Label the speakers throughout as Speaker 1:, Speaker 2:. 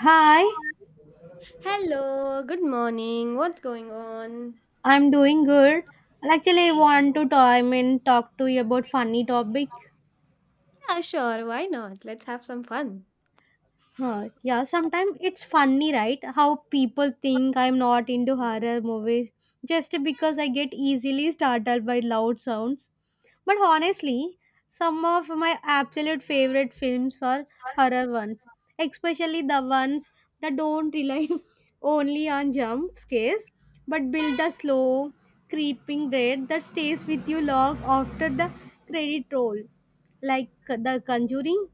Speaker 1: Hi,
Speaker 2: Hello, good morning. What's going on?
Speaker 1: I'm doing good. Actually, I want to time and talk to you about funny topic.
Speaker 2: Yeah, sure, why not? Let's have some fun.
Speaker 1: Huh, yeah, sometimes it's funny, right? How people think I'm not into horror movies just because I get easily startled by loud sounds. But honestly, some of my absolute favorite films are horror ones, especially the ones that don't rely only on jump scares but build a slow, creeping dread that stays with you long after the credit roll, like The Conjuring.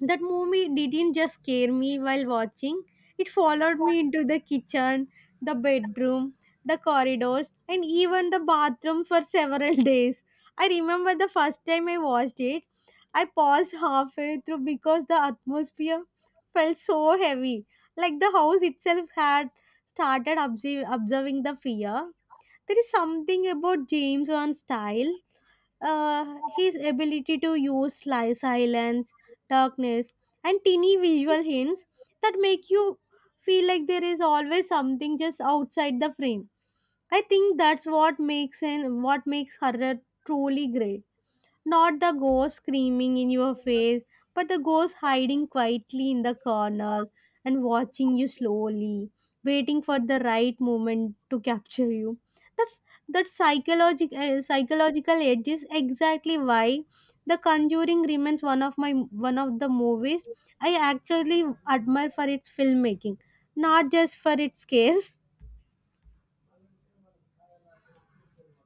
Speaker 1: That movie didn't just scare me while watching, it followed me into the kitchen, the bedroom, the corridors, and even the bathroom for several days. I remember the first time I watched it, I paused halfway through because the atmosphere felt so heavy, like the house itself had started observing the fear. There is something about James Wan's style, his ability to use silence, darkness, and teeny visual hints that make you feel like there is always something just outside the frame. I think that's what makes horror truly great. Not the ghost screaming in your face, but the ghost hiding quietly in the corner and watching you slowly, waiting for the right moment to capture you. That's that psychological psychological edge is exactly why The Conjuring remains one of the movies I actually admire for its filmmaking, not just for its scare.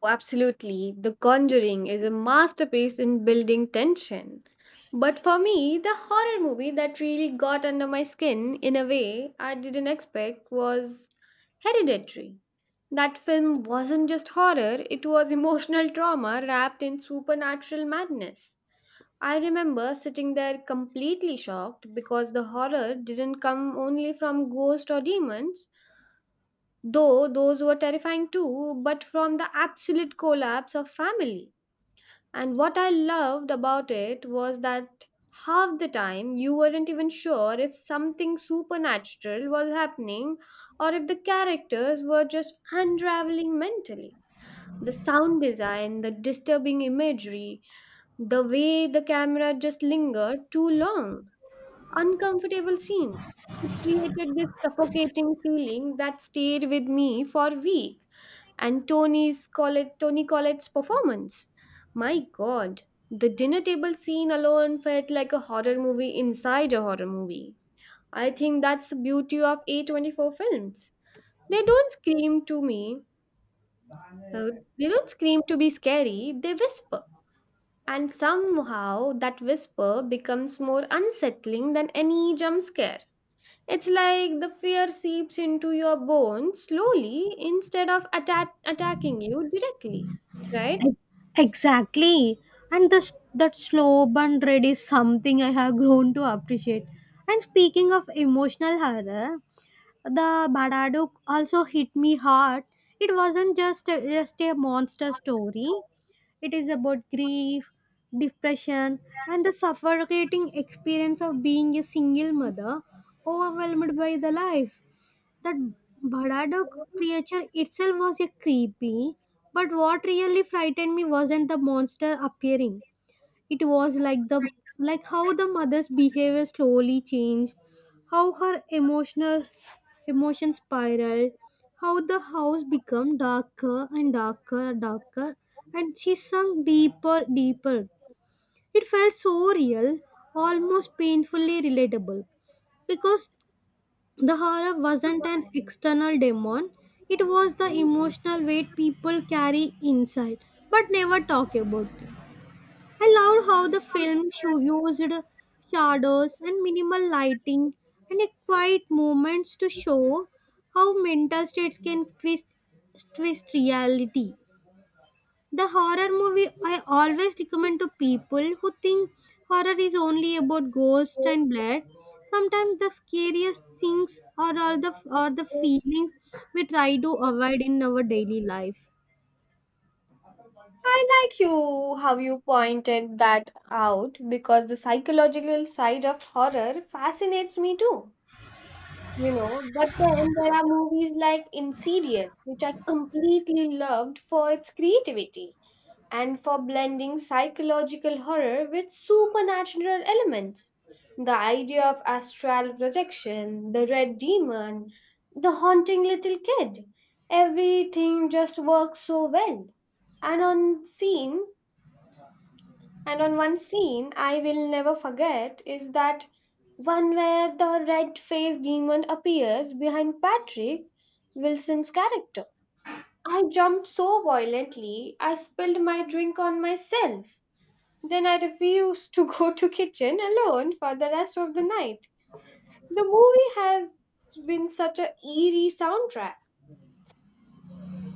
Speaker 2: Oh, absolutely. The Conjuring is a masterpiece in building tension. But for me, the horror movie that really got under my skin in a way I didn't expect was Hereditary. That film wasn't just horror, it was emotional trauma wrapped in supernatural madness. I remember sitting there completely shocked because the horror didn't come only from ghosts or demons, though those were terrifying too, but from the absolute collapse of family. And what I loved about it was that half the time you weren't even sure if something supernatural was happening or if the characters were just unraveling mentally. The sound design, the disturbing imagery, the way the camera just lingered too long, uncomfortable scenes. It created this suffocating feeling that stayed with me for a week. And Tony's Collett, Tony Collette's performance. My god, the dinner table scene alone felt like a horror movie inside a horror movie. I think that's the beauty of A24 films. They don't scream to me, uh, they don't scream to be scary, they whisper. And somehow that whisper becomes more unsettling than any jump scare. It's like the fear seeps into your bones slowly instead of attacking you directly, right?
Speaker 1: E- Exactly. And this that slow burn dread is something I have grown to appreciate. And speaking of emotional horror, the Badaduk also hit me hard. It wasn't just a monster story. It is about grief, depression, and the suffocating experience of being a single mother overwhelmed by the life. The Bhadado creature itself was a creepy, but what really frightened me wasn't the monster appearing. It was like how the mother's behavior slowly changed, how her emotional emotions spiraled, how the house became darker, and she sunk deeper, deeper. It felt so real, almost painfully relatable, because the horror wasn't an external demon, it was the emotional weight people carry inside but never talk about. I loved how the film show used shadows and minimal lighting and a quiet moments to show how mental states can twist reality. The horror movie I always recommend to people who think horror is only about ghosts and blood. Sometimes the scariest things are all the are the feelings we try to avoid in our daily life.
Speaker 2: I like you how you pointed that out because the psychological side of horror fascinates me too. You know, but then there are movies like Insidious, which I completely loved for its creativity and for blending psychological horror with supernatural elements. The idea of astral projection, the red demon, the haunting little kid, everything just works so well. And on scene, and on one scene I will never forget is that one where the red-faced demon appears behind Patrick Wilson's character. I jumped so violently, I spilled my drink on myself. Then I refused to go to kitchen alone for the rest of the night. The movie has been such a eerie soundtrack.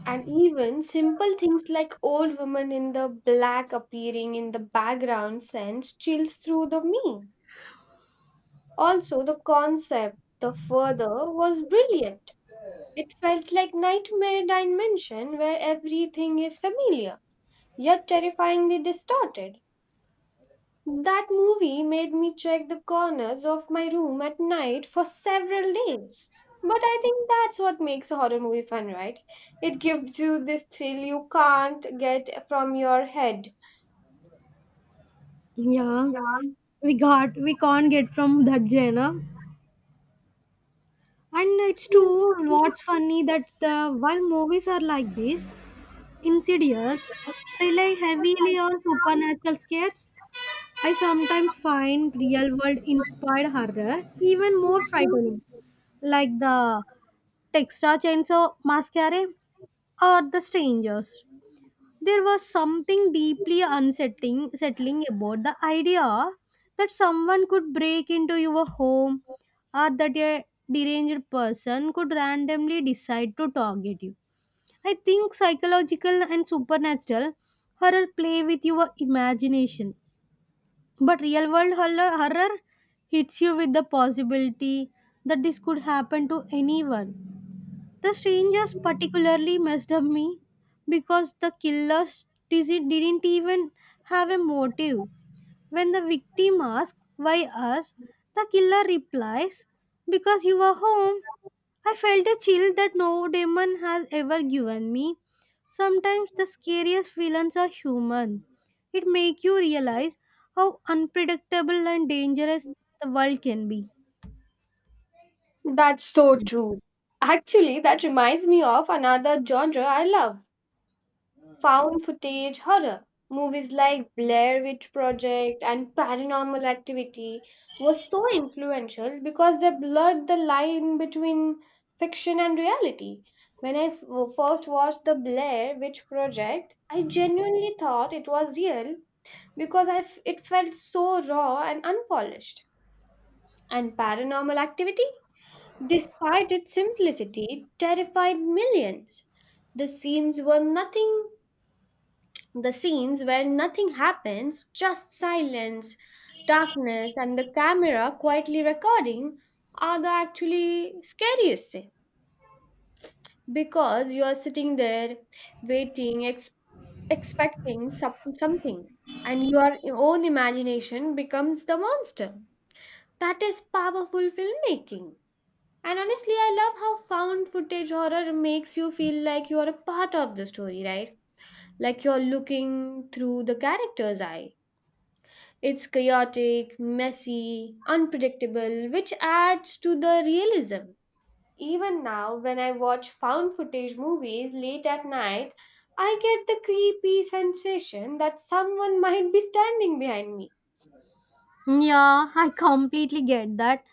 Speaker 2: And even simple things like old woman in the black appearing in the background sends chills through the me. Also, the concept, the further, was brilliant. It felt like nightmare dimension where everything is familiar, yet terrifyingly distorted. That movie made me check the corners of my room at night for several days. But I think that's what makes a horror movie fun, right? It gives you this thrill you can't get from your head.
Speaker 1: Yeah, we can't get from that genre. And it's true. What's funny that the while movies are like this, insidious, rely heavily on supernatural scares, I sometimes find real world inspired horror even more frightening, like the Texas Chainsaw Massacre or The Strangers. There was something deeply unsettling settling about the idea that someone could break into your home, or that a deranged person could randomly decide to target you. I think psychological and supernatural horror play with your imagination, but real world horror hits you with the possibility that this could happen to anyone. The strangers particularly messed up me because the killers didn't even have a motive. When the victim asks, "Why us?" the killer replies, "Because you were home." I felt a chill that no demon has ever given me. Sometimes the scariest villains are human. It makes you realize how unpredictable and dangerous the world can be.
Speaker 2: That's so true. Actually, that reminds me of another genre I love, found footage horror. Movies like Blair Witch Project and Paranormal Activity were so influential because they blurred the line between fiction and reality. When first watched the Blair Witch Project, I genuinely thought it was real because it felt so raw and unpolished. And Paranormal Activity, despite its simplicity, terrified millions. The scenes were nothing the scenes where nothing happens, just silence, darkness, and the camera quietly recording are the actually scariest scene because you are sitting there waiting, ex- expecting something, and your own imagination becomes the monster. That is powerful filmmaking. And honestly, I love how found footage horror makes you feel like you are a part of the story, right? Like you're looking through the character's eye. It's chaotic, messy, unpredictable, which adds to the realism. Even now, when I watch found footage movies late at night, I get the creepy sensation that someone might be standing behind me.
Speaker 1: Yeah, I completely get that.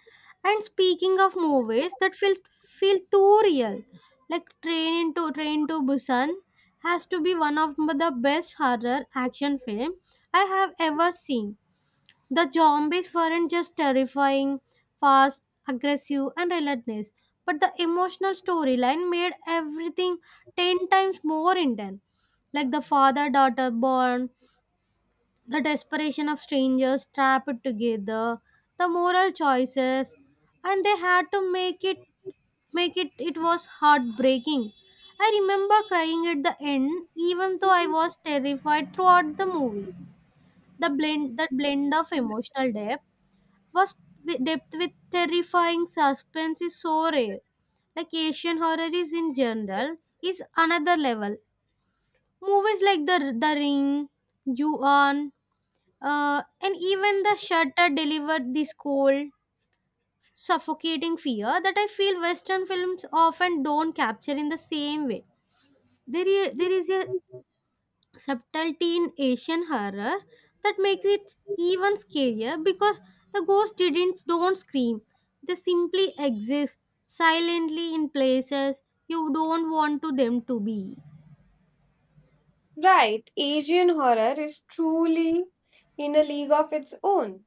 Speaker 1: And speaking of movies that feel too real, like Train to Busan has to be one of the best horror action film I have ever seen. The zombies weren't just terrifying, fast, aggressive, and relentless, but the emotional storyline made everything 10 times more intense. Like the father daughter bond, the desperation of strangers trapped together, the moral choices, and they had to make it it was heartbreaking. I remember crying at the end even though I was terrified throughout the movie. The blend that blend of emotional depth was with depth with terrifying suspense is so rare. Like Asian horror is in general is another level. Movies like The Ring, Ju-on, and even The Shutter delivered this cold, suffocating fear that I feel Western films often don't capture in the same way. There is a subtlety in Asian horror that makes it even scarier because the ghosts didn't don't scream. They simply exist silently in places you don't want to them to be.
Speaker 2: Right, Asian horror is truly in a league of its own.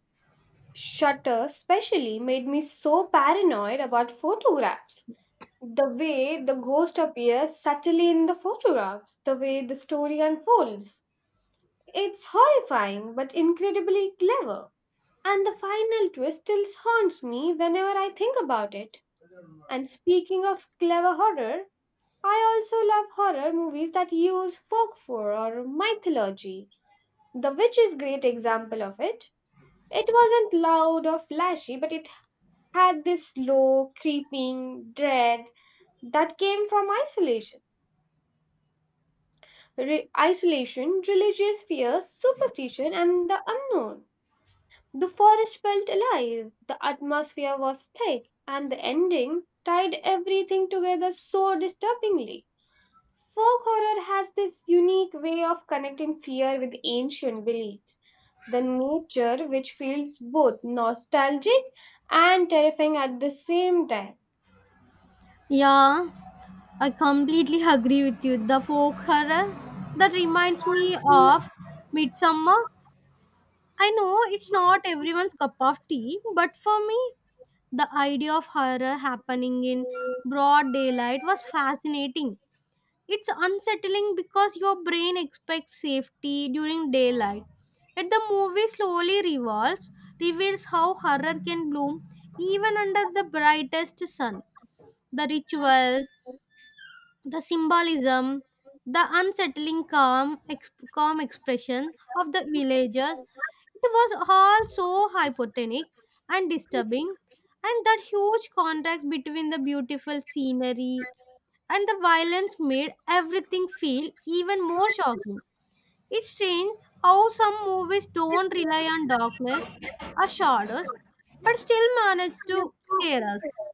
Speaker 2: Shutter, specially, made me so paranoid about photographs. The way the ghost appears subtly in the photographs, the way the story unfolds. It's horrifying but incredibly clever. And the final twist still haunts me whenever I think about it. And speaking of clever horror, I also love horror movies that use folklore or mythology. The Witch is great example of it. It wasn't loud or flashy, but it had this low, creeping dread that came from isolation. Isolation, religious fear, superstition, and the unknown. The forest felt alive, the atmosphere was thick, and the ending tied everything together so disturbingly. Folk horror has this unique way of connecting fear with ancient beliefs. The nature which feels both nostalgic and terrifying at the same time.
Speaker 1: Yeah, I completely agree with you. The folk horror, that reminds me of Midsummer. I know it's not everyone's cup of tea, but for me, the idea of horror happening in broad daylight was fascinating. It's unsettling because your brain expects safety during daylight. Yet the movie slowly reveals how horror can bloom even under the brightest sun. The rituals, the symbolism, the unsettling calm expression of the villagers. It was all so hypotonic and disturbing, and that huge contrast between the beautiful scenery and the violence made everything feel even more shocking. It's strange how some movies don't rely on darkness or shadows but still manage to scare us.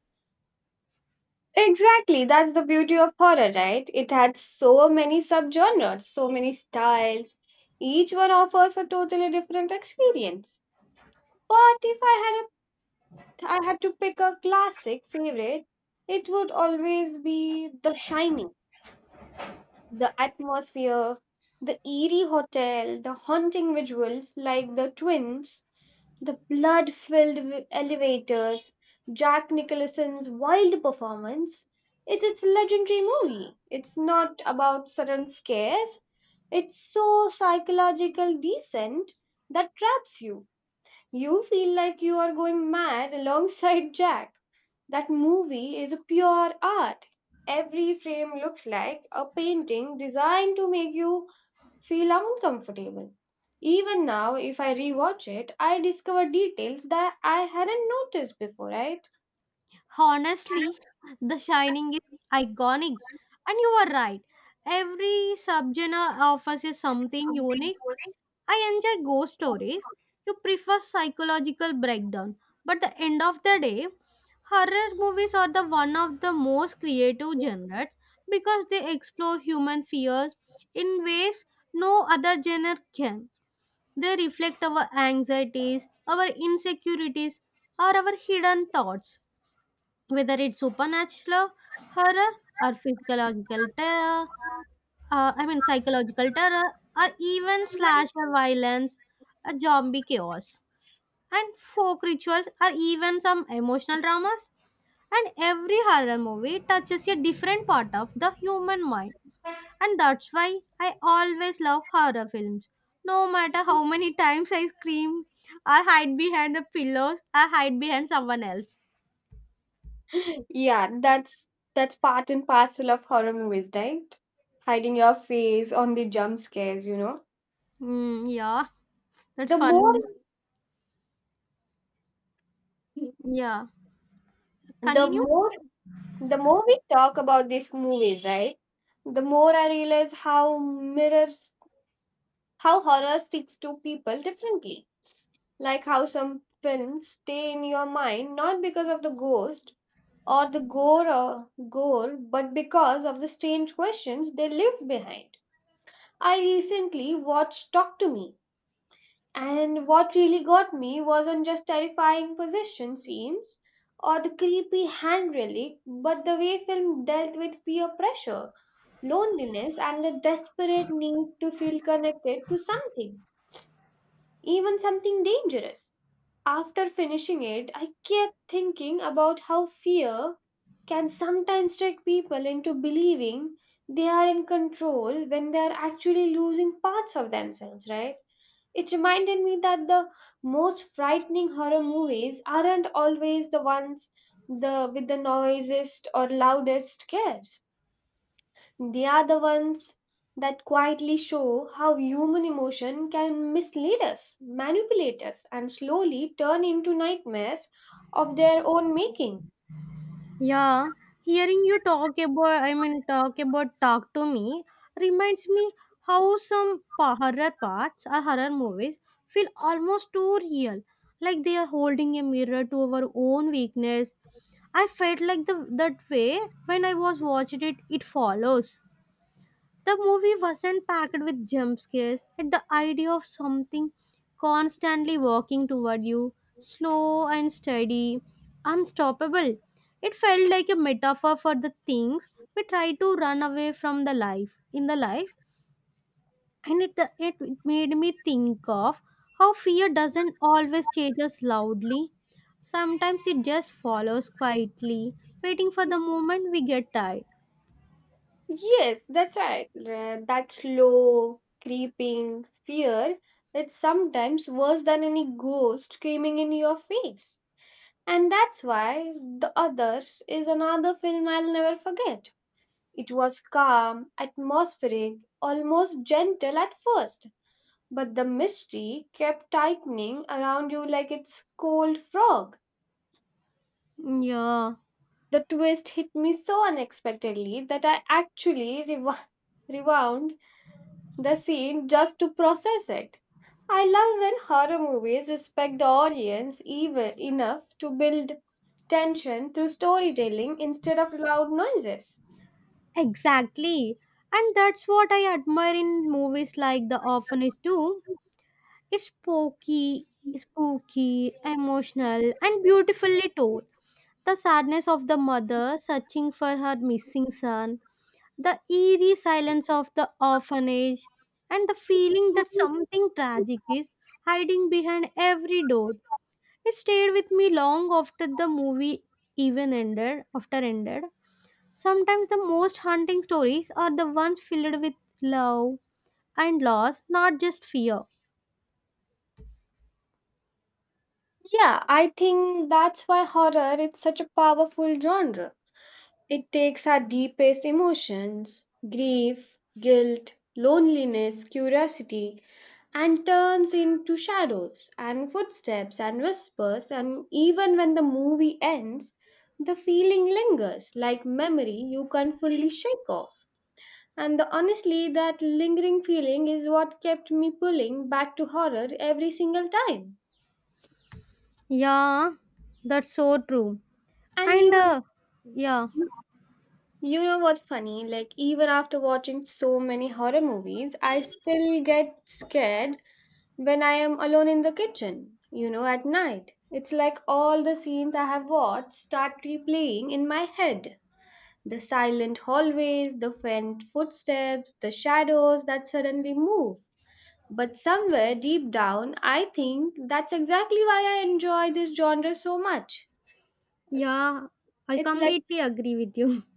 Speaker 2: Exactly, that's the beauty of horror, right? It had so many subgenres, so many styles. Each one offers a totally different experience. But if I had to pick a classic favorite, it would always be The Shining. The atmosphere, the eerie hotel, the haunting visuals like the twins, the blood filled elevators, Jack Nicholson's wild performance. It's its a legendary movie. It's not about sudden scares, it's so psychological decent that traps you. You feel like you are going mad alongside Jack. That movie is a pure art. Every frame looks like a painting designed to make you feel uncomfortable. Even now, if I rewatch it, I discover details that I hadn't noticed before, right?
Speaker 1: Honestly, The Shining is iconic, and you are right. Every subgenre offers you something unique. I enjoy ghost stories. You prefer psychological breakdown. But the end of the day, horror movies are the one of the most creative genres because they explore human fears in ways no other genre can. They reflect our anxieties, our insecurities, or our hidden thoughts. Whether it's supernatural horror or physiological terror, I mean psychological terror, or even slasher violence, a zombie chaos. And folk rituals or even some emotional dramas. And every horror movie touches a different part of the human mind. And that's why I always love horror films. No matter how many times I scream or hide behind the pillows or hide behind someone else.
Speaker 2: Yeah, that's part and parcel of horror movies, right? Hiding your face on the jump scares, you know.
Speaker 1: Mm, yeah, that's
Speaker 2: The more
Speaker 1: funny. Yeah.
Speaker 2: the
Speaker 1: Continue.
Speaker 2: more the more we talk about these movies, right? The more I realize how horror sticks to people differently. Like how some films stay in your mind not because of the ghost or the gore, but because of the strange questions they leave behind. I recently watched Talk to Me, and what really got me wasn't just terrifying possession scenes or the creepy hand relic, but the way film dealt with peer pressure, loneliness, and the desperate need to feel connected to something, even something dangerous. After finishing it, I kept thinking about how fear can sometimes trick people into believing they are in control when they are actually losing parts of themselves, right? It reminded me that the most frightening horror movies aren't always the ones the with the noisiest or loudest scares. They are the ones that quietly show how human emotion can mislead us, manipulate us, and slowly turn into nightmares of their own making.
Speaker 1: Yeah, hearing you I mean, talk about Talk to Me reminds me how some horror parts or horror movies feel almost too real, like they are holding a mirror to our own weakness. I felt like that way when I was watching it, it follows. The movie wasn't packed with jump scares, but the idea of something constantly walking toward you, slow and steady, unstoppable. It felt like a metaphor for the things we try to run away from the life, and it made me think of how fear doesn't always chase us loudly. Sometimes it just follows quietly, waiting for the moment we get tired.
Speaker 2: Yes, that's right. That slow, creeping fear is sometimes worse than any ghost screaming in your face. And that's why The Others is another film I'll never forget. It was calm, atmospheric, almost gentle at first, but the mystery kept tightening around you like it's cold frog.
Speaker 1: Yeah.
Speaker 2: The twist hit me so unexpectedly that I actually rewound the scene just to process it. I love when horror movies respect the audience even enough to build tension through storytelling instead of loud noises.
Speaker 1: Exactly. And that's what I admire in movies like The Orphanage too. It's spooky, emotional, and beautifully told. The sadness of the mother searching for her missing son, the eerie silence of the orphanage, and the feeling that something tragic is hiding behind every door. It stayed with me long after the movie after ended. Sometimes the most haunting stories are the ones filled with love and loss, not just fear.
Speaker 2: Yeah, I think that's why horror is such a powerful genre. It takes our deepest emotions, grief, guilt, loneliness, curiosity, and turns into shadows and footsteps and whispers. And even when the movie ends, the feeling lingers like memory you can't fully shake off. And the, honestly, that lingering feeling is what kept me pulling back to horror every single time.
Speaker 1: Yeah, that's so true.
Speaker 2: And
Speaker 1: And
Speaker 2: even,
Speaker 1: uh, yeah,
Speaker 2: you know what's funny? Like, even after watching so many horror movies, I still get scared when I am alone in the kitchen, you know, at night. It's like all the scenes I have watched start replaying in my head. The silent hallways, the faint footsteps, the shadows that suddenly move. But somewhere deep down, I think that's exactly why I enjoy this genre so much. It's,
Speaker 1: yeah, I
Speaker 2: it's like,
Speaker 1: completely agree with you.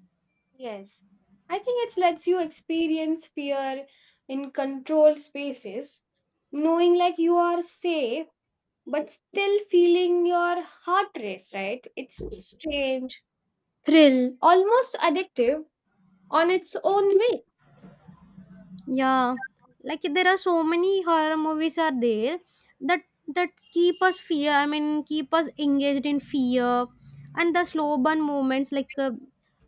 Speaker 2: yes. I think it lets you experience fear in controlled spaces, knowing like you are safe, but still feeling your heart race, right? It's strange, thrill, almost addictive on its own way.
Speaker 1: Yeah, like there are so many horror movies are there that that keep us fear. I mean, keep us engaged in fear, and the slow burn moments like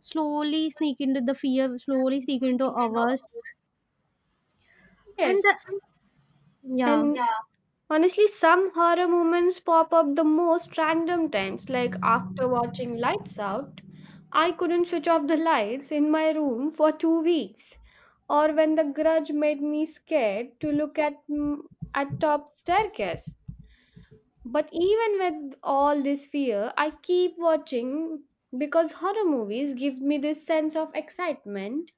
Speaker 1: slowly sneak into the fear, slowly sneak into ours, and
Speaker 2: Yes.
Speaker 1: the yeah.
Speaker 2: And honestly, some horror moments pop up the most random times, like after watching Lights Out. I couldn't switch off the lights in my room for 2 weeks. Or when the grudge made me scared to look at at top staircase, but even with all this fear, I keep watching because horror movies give me this sense of excitement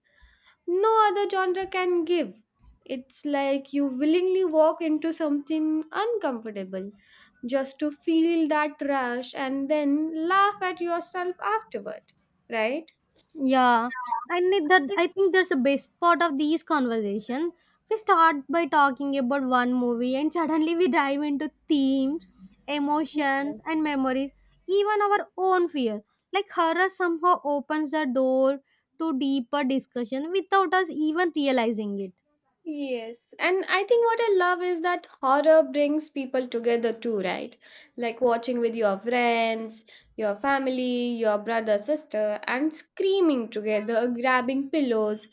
Speaker 2: no other genre can give. It's like you willingly walk into something uncomfortable just to feel that rush and then laugh at yourself afterward, right?
Speaker 1: Yeah, and it, that I think that's the best part of these conversations. We start by talking about one movie, and suddenly we dive into themes, emotions, and memories, even our own fear. Like horror somehow opens the door to deeper discussion without us even realizing it.
Speaker 2: Yes, and I think what I love is that horror brings people together too, right? Like watching with your friends, your family, your brother, sister, and screaming together, grabbing pillows,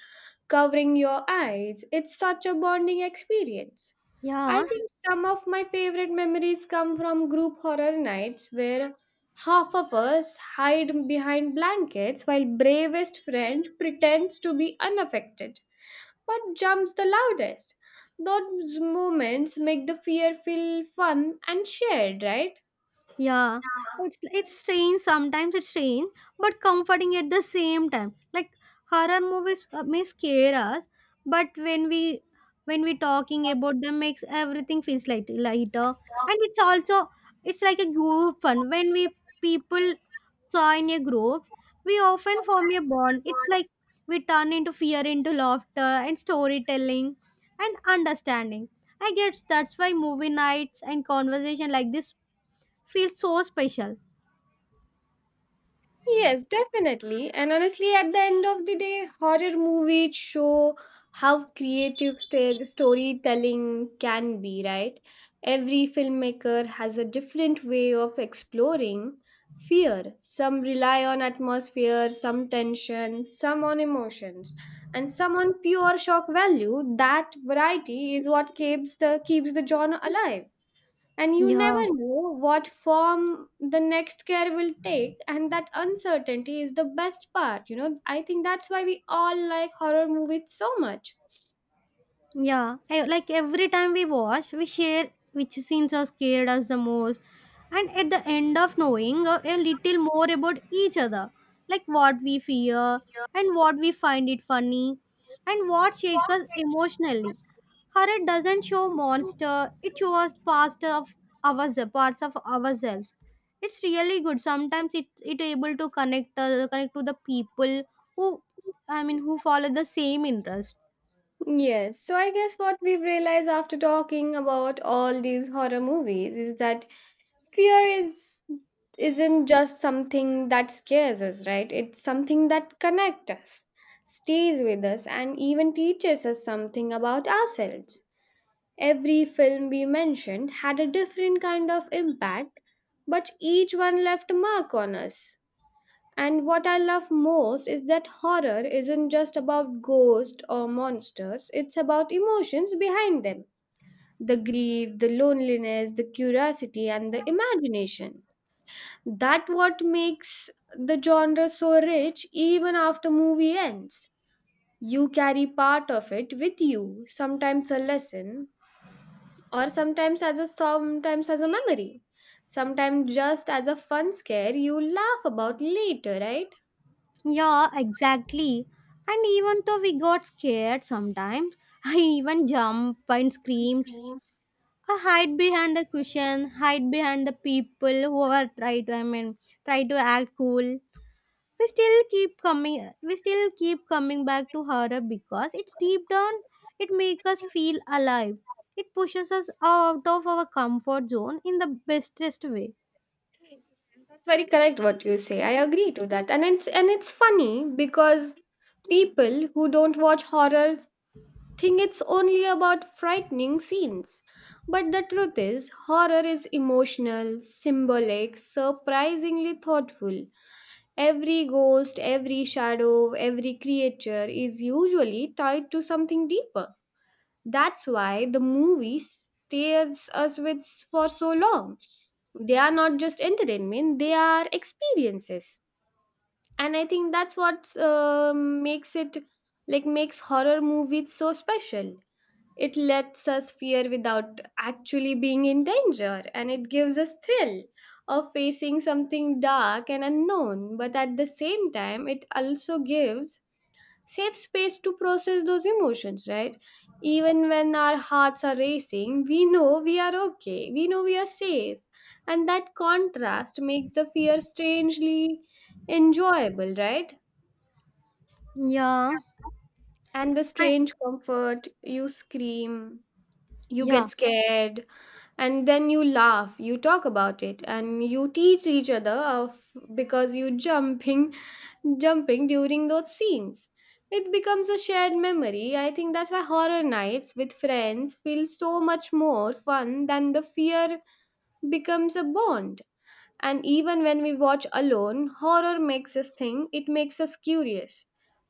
Speaker 2: covering your eyes. It's such a bonding experience. I
Speaker 1: Yeah,
Speaker 2: think some of my favorite memories come from group horror nights where half of us hide behind blankets while bravest friend pretends to be unaffected but jumps the loudest. Those moments make the fear feel fun and shared, right?
Speaker 1: Yeah, it's it's strange. Sometimes it's strange, but comforting at the same time. Like horror movies may scare us, but when we talking about them, makes everything feels lighter. And it's also it's like a group fun. When we people saw in a group, we often form a bond. It's like we turn into fear into laughter and storytelling and understanding. I guess that's why movie nights and conversation like this feels so special.
Speaker 2: Yes, definitely. And honestly, at the end of the day, horror movies show how creative storytelling can be, right? Every filmmaker has a different way of exploring fear. Some rely on atmosphere, some tension, some on emotions, and some on pure shock value. That variety is what keeps the genre alive. And you
Speaker 1: Yeah.
Speaker 2: never know what form the next care will take, and that uncertainty is the best part. You know, I think that's why we all like horror movies so much.
Speaker 1: Like every time we watch, we share which scenes are scared us the most, and at the end of knowing a little more about each other, like what we fear and what we find it funny, and what shakes us emotionally. Horror doesn't show monster; it shows parts of ourselves. It's really good. Sometimes it able to connect connect to the people who, I mean, who follow the same interest.
Speaker 2: Yes, so I guess what we've realized after talking about all these horror movies is that fear is isn't just something that scares us, right? It's something that connects us, stays with us, and even teaches us something about ourselves. Every film we mentioned had a different kind of impact, but each one left a mark on us. And what I love most is that horror isn't just about ghosts or monsters, it's about emotions behind them, the grief, the loneliness, the curiosity, and the imagination. That what makes the genre so rich even after movie ends. You carry part of it with you, sometimes a lesson, or sometimes as a memory, sometimes just as a fun scare you laugh about later, right?
Speaker 1: Yeah, exactly. And even though we got scared sometimes, I even jump and screams. I hide behind the cushion, hide behind the people who are try to I mean try to act cool. We still keep coming back to horror because it's deep down it makes us feel alive. It pushes us out of our comfort zone in the bestest way.
Speaker 2: Very correct what you say, I agree to that, and it's funny because people who don't watch horror think it's only about frightening scenes, but the truth is horror is emotional, symbolic, surprisingly thoughtful. Every ghost, every shadow, every creature is usually tied to something deeper. That's why the movie stays us with for so long. They are not just entertainment, they are experiences. And I think that's what makes it like makes horror movies so special. It lets us fear without actually being in danger, and it gives us thrill of facing something dark and unknown. But at the same time, it also gives safe space to process those emotions, right? Even when our hearts are racing, we know we are okay, we know we are safe. And that contrast makes the fear strangely enjoyable, right?
Speaker 1: Yeah.
Speaker 2: And the
Speaker 1: I,
Speaker 2: strange comfort, you scream, you
Speaker 1: yeah.
Speaker 2: get scared, and then you laugh, you talk about it, and you teach each other of because you jumping, jumping during those scenes, it becomes a shared memory. I think that's why horror nights with friends feel so much more fun than the fear becomes a bond. And even when we watch alone, horror makes us think, it makes us curious.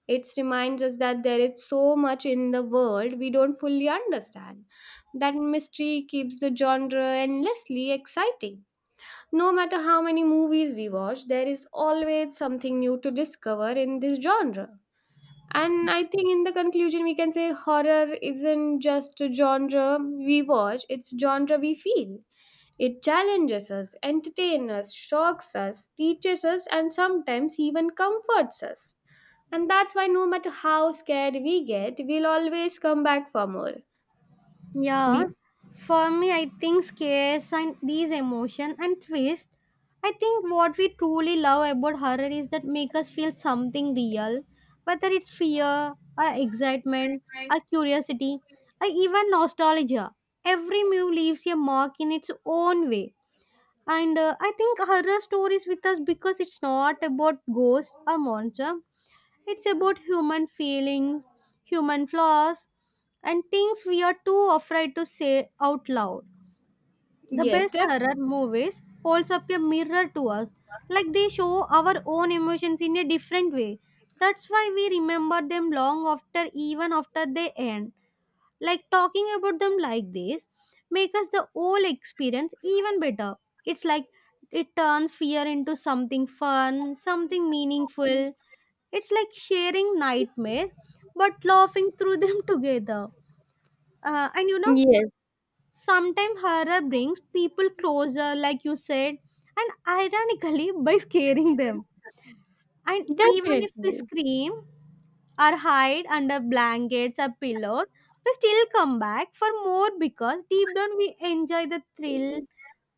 Speaker 2: It reminds us that there is so much in the world we don't fully understand. That mystery keeps the genre endlessly exciting. No matter how many movies we watch, there is always something new to discover in this genre. And I think in the conclusion, we can say horror isn't just a genre we watch, it's genre we feel. It challenges us, entertains us, shocks us, teaches us, and sometimes even comforts us. And that's why no matter how scared we get, we'll always come back for more.
Speaker 1: Yeah,
Speaker 2: We
Speaker 1: for me, I think scares and these emotion and twist. I think what we truly love about horror is that make us feel something real, whether it's fear or excitement or curiosity or even nostalgia. Every move leaves a mark in its own way. And I think horror stories with us because it's not about ghosts or monster. It's about human feeling, human flaws, and things we are too afraid to say out loud. The
Speaker 2: Yes,
Speaker 1: best horror movies holds up a mirror to us, like they show our own emotions in a different way. That's why we remember them long after, even after they end. Like talking about them like this make us the whole experience even better. It's like it turns fear into something fun, something meaningful, it's like sharing nightmares but laughing through them together. And you know,
Speaker 2: yes,
Speaker 1: sometimes horror brings people closer, like you said, and ironically by scaring them. And even if we
Speaker 2: definitely.
Speaker 1: scream or hide under blankets or pillows, we still come back for more because deep down we enjoy the thrill.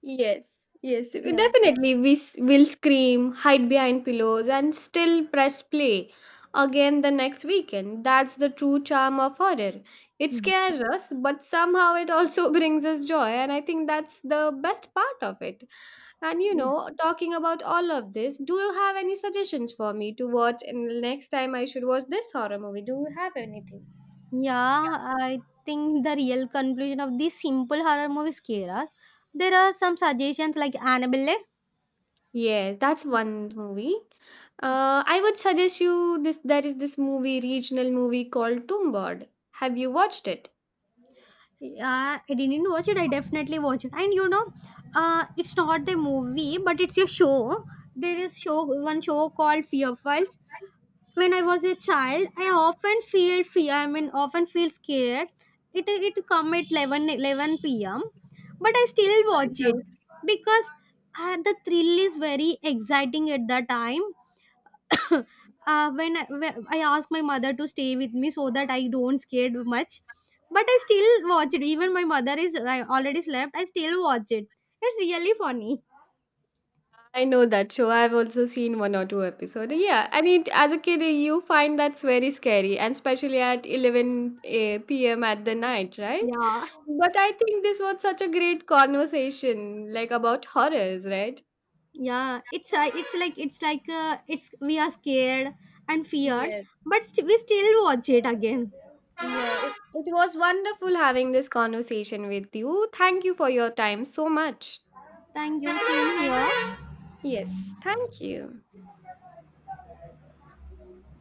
Speaker 2: Yes, yes,
Speaker 1: Yeah.
Speaker 2: definitely. Will scream, hide behind pillows, and still press play again the next weekend. That's the true charm of horror. It
Speaker 1: Mm.
Speaker 2: scares us, but somehow it also brings us joy, and I think that's the best part of it. And you
Speaker 1: Yeah,
Speaker 2: know, talking about all of this, do you have any suggestions for me to watch in the next time I should watch this horror movie? Do you have anything?
Speaker 1: Yeah, I think the real conclusion of these simple horror movies scare us. There are some suggestions like Annabelle.
Speaker 2: Yes, that's one movie. I would suggest you this. There is this movie, regional movie called Tumbad. Have you watched it?
Speaker 1: Yeah, I didn't watch it. I definitely watch it. And you know, it's not the movie, but it's a show. There is show one show called Fear Files. When I was a child, I often feel fear. I mean, often feel scared. It come at 11 p.m. But I still
Speaker 2: I
Speaker 1: watch it
Speaker 2: know.
Speaker 1: because the thrill is very exciting at that time. When I asked my mother to stay with me so that I don't scared much, but I still watch it. Even my mother is I already slept. I still watch it. It's really funny.
Speaker 2: I know that show. I've also seen one or two episodes. Yeah, and it, as a kid you find that's very scary, and especially at eleven p m at the night, right?
Speaker 1: Yeah,
Speaker 2: But I think this was such a great conversation, like about horrors, right?
Speaker 1: yeah. It's it's we are scared and feared,
Speaker 2: Yes.
Speaker 1: but we still watch it again.
Speaker 2: Yeah, it was wonderful having this conversation with you. Thank you for your time so much.
Speaker 1: Thank you. Same here.
Speaker 2: Yes, thank you.